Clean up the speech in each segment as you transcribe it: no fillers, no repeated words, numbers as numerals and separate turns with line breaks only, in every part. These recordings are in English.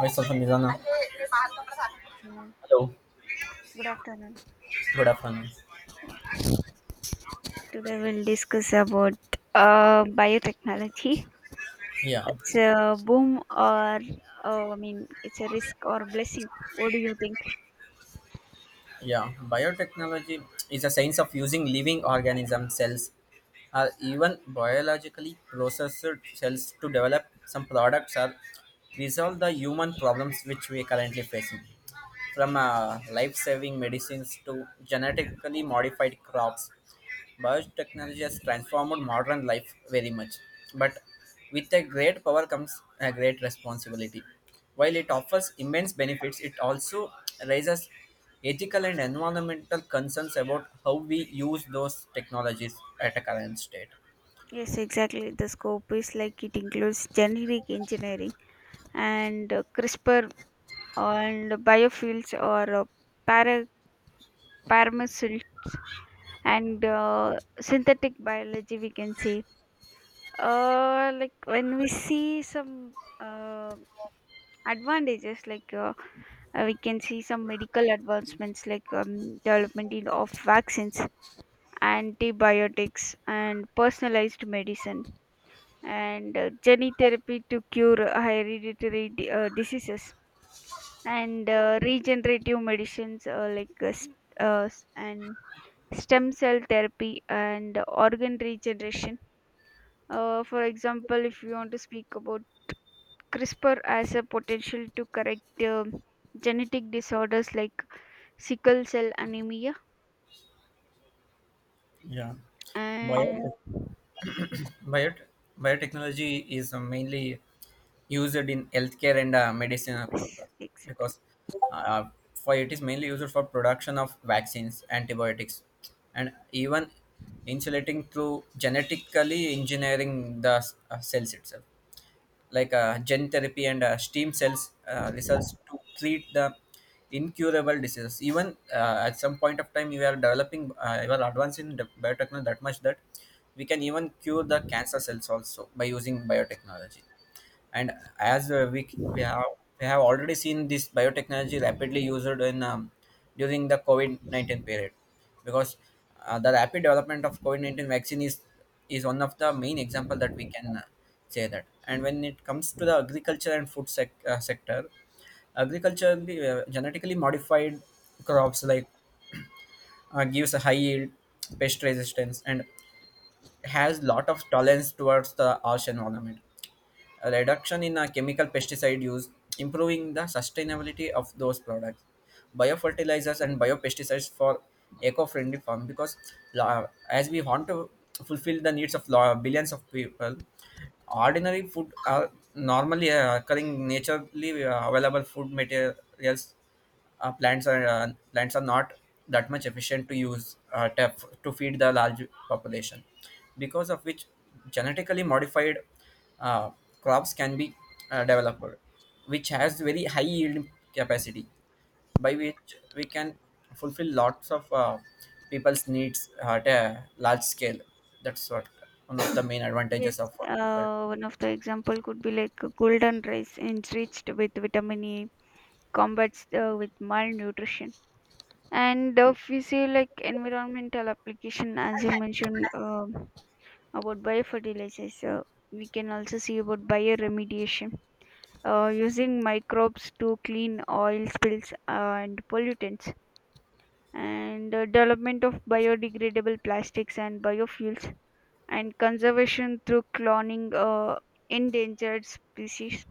Vaisathamizana.
Afternoon.
Hello.
Good afternoon.
Good afternoon.
Today we'll discuss about biotechnology.
Yeah,
It's a boom or I mean, it's a risk or blessing. What do you think?
yeah. Biotechnology is a science of using living organism cells, or even biologically processed cells, to develop some products or resolve the human problems which we currently facing. From life-saving medicines to genetically modified crops, biotechnology has transformed modern life very much, but with a great power comes a great responsibility. While it offers immense benefits, it also raises ethical and environmental concerns about how we use those technologies at a current state.
Yes, exactly. The scope is like it includes genetic engineering and CRISPR and biofuels or para paramissile and synthetic biology. We can say, like when we see some. Uh, Advantages like we can see some medical advancements like development in, of vaccines, antibiotics, and personalized medicine, and gene therapy to cure hereditary diseases, and regenerative medicines like and stem cell therapy and organ regeneration. For example, if you want to speak about CRISPR, has a potential to correct genetic disorders like sickle cell anemia.
Yeah.
And
Biotech- Biot- biotechnology is mainly used in healthcare and medicine
yes,
purpose
exactly.
because uh, for it is mainly used for production of vaccines, antibiotics, and even insulating through genetically engineering the cells itself like gen therapy and stem cells research to treat the incurable diseases. Even at some point of time, we are we are advancing in the biotechnology that much that we can even cure the cancer cells also by using biotechnology, and as we have already seen this biotechnology rapidly used in during the COVID COVID-19 period, because the rapid development of COVID COVID-19 vaccine is one of the main example that we can say that. And when it comes to the agriculture and food sector, agriculturally genetically modified crops like gives a high yield, pest resistance, and has lot of tolerance towards the harsh environment. A reduction in chemical pesticide use, improving the sustainability of those products. Biofertilizers and biopesticides for eco-friendly farm because as we want to fulfill the needs of billions of people, ordinary food are normally occurring naturally available food materials, uh, plants are uh, plants are not that much efficient to use to feed the large population, because of which genetically modified uh, crops can be developed, which has very high yield capacity, by which we can fulfill lots of people's needs at a large scale. That's what one of the main
Yes,
advantages of but
one of the example could be like a golden rice enriched with vitamin e, combats with malnutrition. And if we say like environmental application, as you mentioned, about biofertilizers, we can also see about bioremediation, using microbes to clean oil spills and pollutants, and development of biodegradable plastics and biofuels, and conservation through cloning endangered species.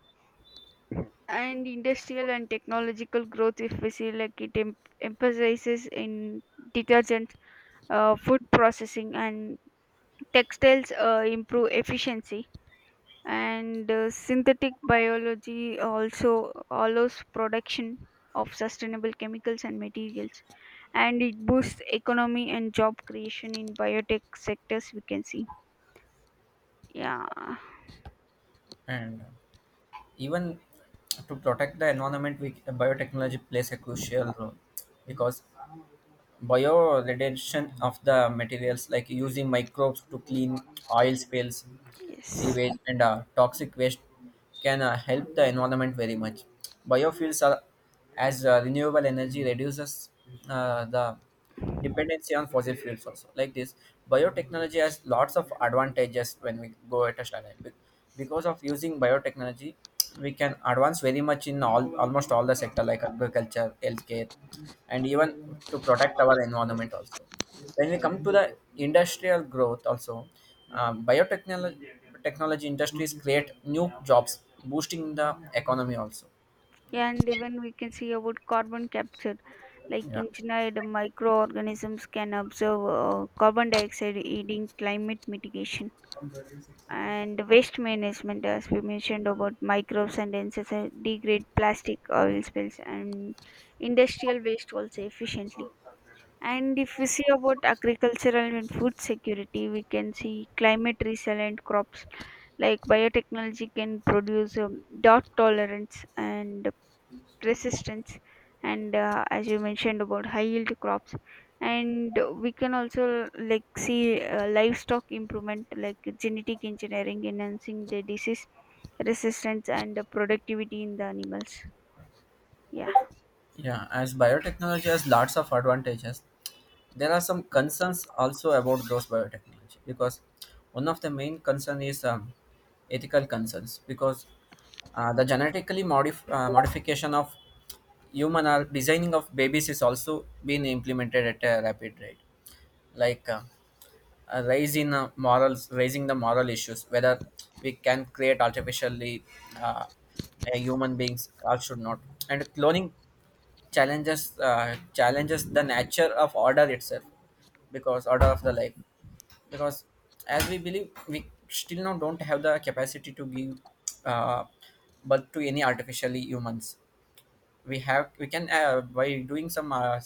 And industrial and technological growth, if we see, like it emphasizes in detergent, food processing, and textiles, improve efficiency, and synthetic biology also allows production of sustainable chemicals and materials, and it boosts economy and job creation in biotech sectors we can see. Yeah.
and. Even to protect the environment, we biotechnology plays a crucial role because bioradiation of the materials like using microbes to clean oil spills,
Yes.
sewage and toxic waste can help the environment very much. Biofuels are, as renewable energy, reduces the dependency on fossil fuels also. Like this, biotechnology has lots of advantages when we go at a standard. Because of using biotechnology, we can advance very much in all almost all the sector like agriculture, healthcare, and even to protect our environment also. When we come to the industrial growth also, biotechnology technology industries create new jobs, boosting the economy also.
Yeah, and even we can see about carbon capture, like
yeah
engineered microorganisms can absorb carbon dioxide, aiding climate mitigation. And waste management, as we mentioned, about microbes and insects degrade plastic, oil spills, and industrial waste also efficiently. And if we see about agricultural and food security, we can see climate resilient crops, like biotechnology can produce drought tolerance and resistance, and as you mentioned, about high yield crops. And we can also like see livestock improvement, like genetic engineering enhancing the disease resistance and the productivity in the animals. Yeah.
yeah As biotechnology has lots of advantages, there are some concerns also about those biotechnology because one of the main concern is ethical concerns. Because the modification of human or designing of babies is also being implemented at a rapid rate, like raising the moral issues whether we can create artificially uh, a human beings or should not, and cloning challenges the nature of order itself, because order of the life, because as we believe, we still now don't have the capacity to give uh, birth to any artificially humans. We can, by doing some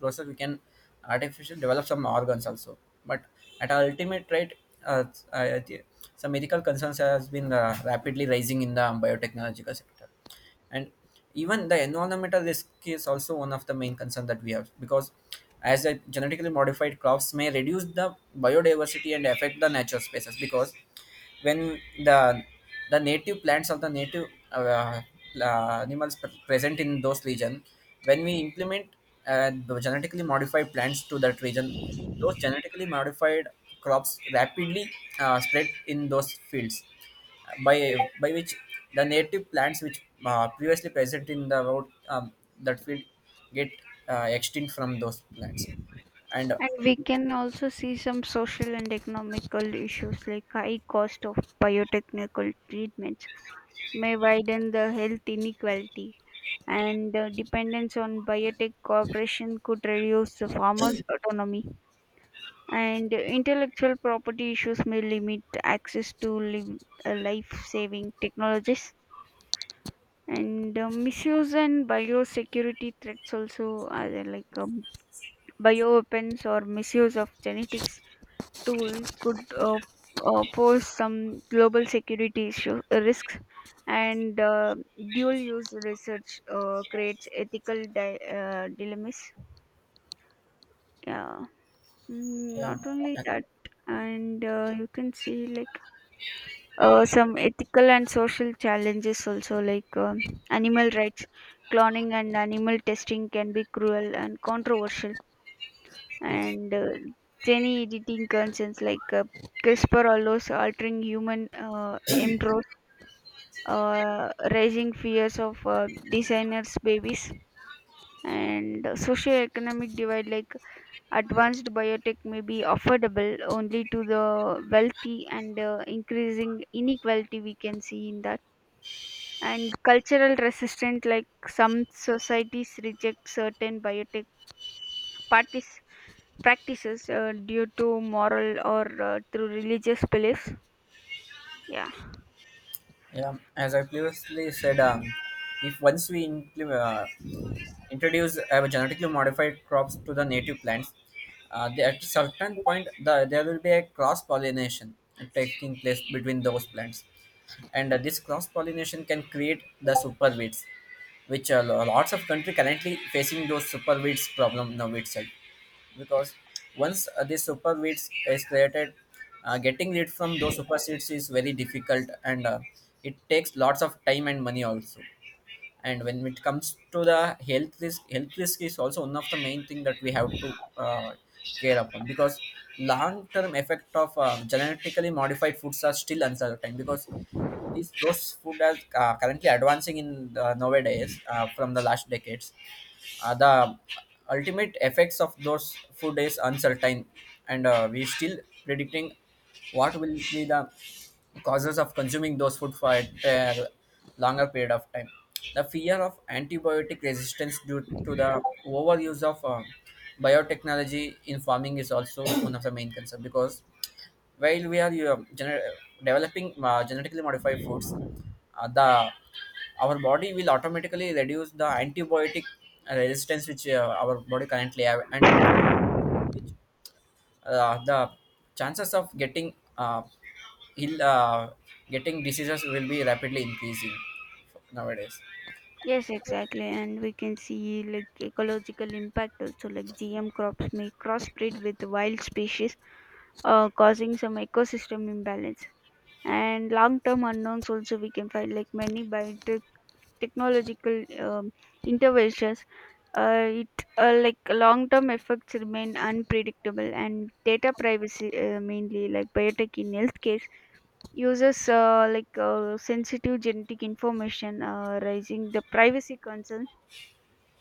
process, we can artificial develop some organs also, but at our ultimate rate, uh, uh, the- some ethical concerns has been rapidly rising in the biotechnological sector. And even the environmental risk is also one of the main concern that we have, because as a genetically modified crops may reduce the biodiversity and affect the natural spaces. Because when the the native plants of the native, uh, animals present in those region, when we implement the genetically modified plants to that region, those genetically modified crops rapidly spread in those fields, by which the native plants which previously present in the road that field get extinct from those plants. And
And we can also see some social and economical issues, like high cost of biotechnical treatments may widen the health inequality, and dependence on biotech cooperation could reduce the farmers autonomy, and intellectual property issues may limit access to life-saving technologies. And misuse and biosecurity threats also are there, like bioweapons or misuse of genetics tools could pose some global security issue, risks. And dual use research creates ethical dilemmas. Yeah. Mm,
Yeah.
not only that. And you can see like some ethical and social challenges also, like animal rights, cloning, and animal testing can be cruel and controversial. And gene editing concerns, like CRISPR allows altering human embryos, raising fears of designers babies. And socio-economic divide, like advanced biotech may be affordable only to the wealthy, and increasing inequality we can see in that. And cultural resistance, like some societies reject certain biotech parties practices, due to moral or through religious beliefs. Yeah.
Yeah, as I previously said, if once we introduce genetically modified crops to the native plants, they, at a certain point, there will be a cross pollination taking place between those plants, and this cross pollination can create the super weeds, which lots of country currently facing those super weeds problem now itself. Because once the super weeds is created, getting rid from those super seeds is very difficult, and it takes lots of time and money also. And when it comes to the health risk, health risk is also one of the main thing that we have to uh, care upon, because long term effect of genetically modified foods are still uncertain, because these those food are currently advancing in nowadays, from the last decades, the ultimate effects of those food is uncertain, and we still predicting what will be the causes of consuming those food for a longer period of time. The fear of antibiotic resistance due to the overuse of biotechnology in farming is also one of the main concern, because while we are developing genetically modified foods, the our body will automatically reduce the antibiotic resistance which our body currently have, and the chances of getting ill, uh, getting diseases will be rapidly increasing nowadays.
Yes, exactly. And we can see like ecological impact also, like GM crops may crossbreed with wild species, causing some ecosystem imbalance. And long term unknowns also we can find, like many biotech technological, interventions, it like long-term effects remain unpredictable, and data privacy, mainly like biotech in health case, uses like sensitive genetic information, raising the privacy concerns.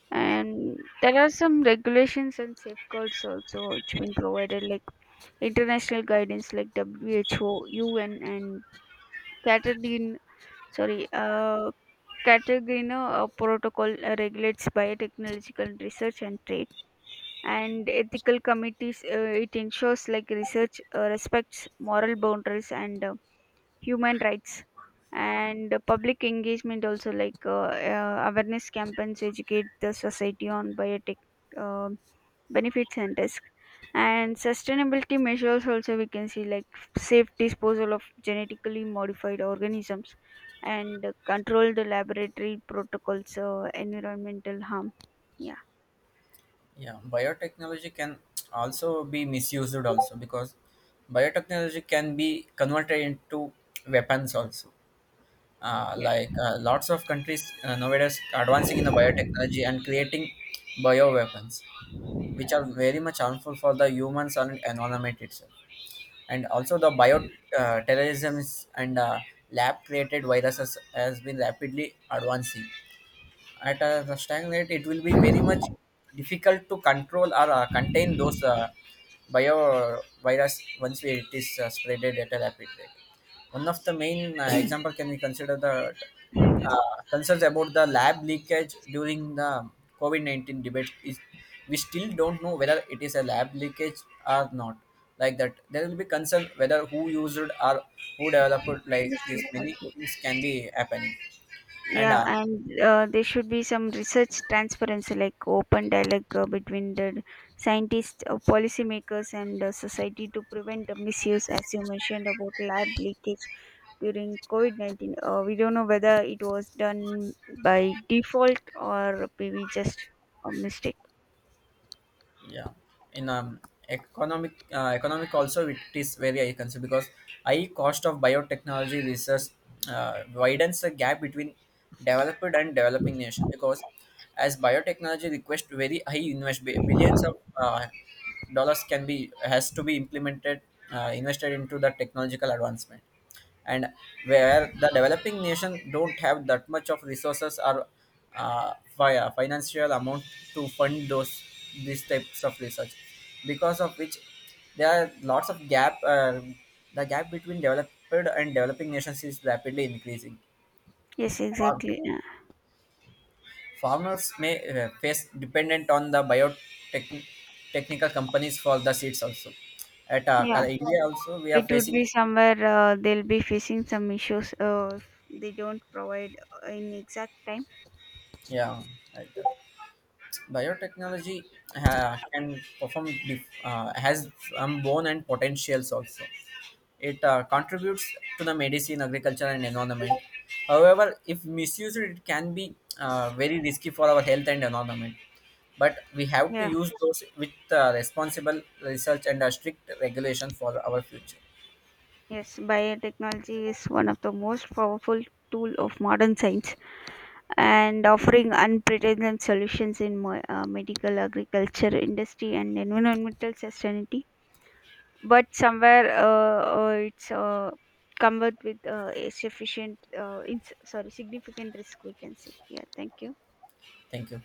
And there are some regulations and safeguards also. It's been provided like international guidance like WHO, UN, and catered in, sorry, Cartagena Protocol, regulates biotechnological research and trade. And ethical committees, it ensures like research respects moral boundaries and human rights. And public engagement also, like awareness campaigns educate the society on biotech um benefits and risks. And sustainability measures also we can see, like safe disposal of genetically modified organisms and controlled laboratory protocols, environmental harm. Yeah.
Yeah, biotechnology can also be misused also, because biotechnology can be converted into weapons also.
Yeah.
Like, lots of countries nowadays advancing in the biotechnology and creating bioweapons, which are very much harmful for the humans and environment itself. And also the bioterrorism, terrorisms and lab created viruses has been rapidly advancing. At a the stagnant rate, it will be very much difficult to control or contain those bio virus once it is spreaded at a rapid rate. One of the main example can we consider the concerns about the lab leakage during the covid-19 debate is we still don't know whether it is a lab leakage or not. Like that, there will be concern whether who used or who developed, like
Yes.
this
Yes,
many
okay.
things can be happening. And
Yeah, and there should be some research transparency, like open dialogue between the scientists, policymakers, and society to prevent the misuse, as you mentioned about lab leakage during COVID 19. We don't know whether it was done by default or maybe just a mistake.
Yeah. In economic also, it is very high concern, because high cost of biotechnology research widens the gap between developed and developing nations. Because as biotechnology requires very high investment, billions of uh, dollars can be has to be implemented, invested into the technological advancement. And where the developing nation don't have that much of resources or financial amount to fund those these types of research, because of which there are lots of gap, the gap between developed and developing nations is rapidly increasing.
Yes,
Farm-
exactly. Yeah.
Farmers may face dependent on the biotech technical companies for the seeds also. At
Yeah,
India also we are
it would
facing.
be somewhere they'll be facing some issues if they don't provide in exact time.
Yeah, right. Biotechnology can has unborn and potentials also. It contributes to the medicine, agriculture and environment. However, if misused, it can be very risky for our health and environment, but we have to
Yeah.
use those with responsible research and strict regulation for our future.
Yes, biotechnology is one of the most powerful tool of modern science, and offering unprecedented solutions in medical, agriculture, industry, and environmental sustainability. But somewhere it's covered with is sufficient, sorry, significant risk. We can say, yeah, thank you.
Thank you.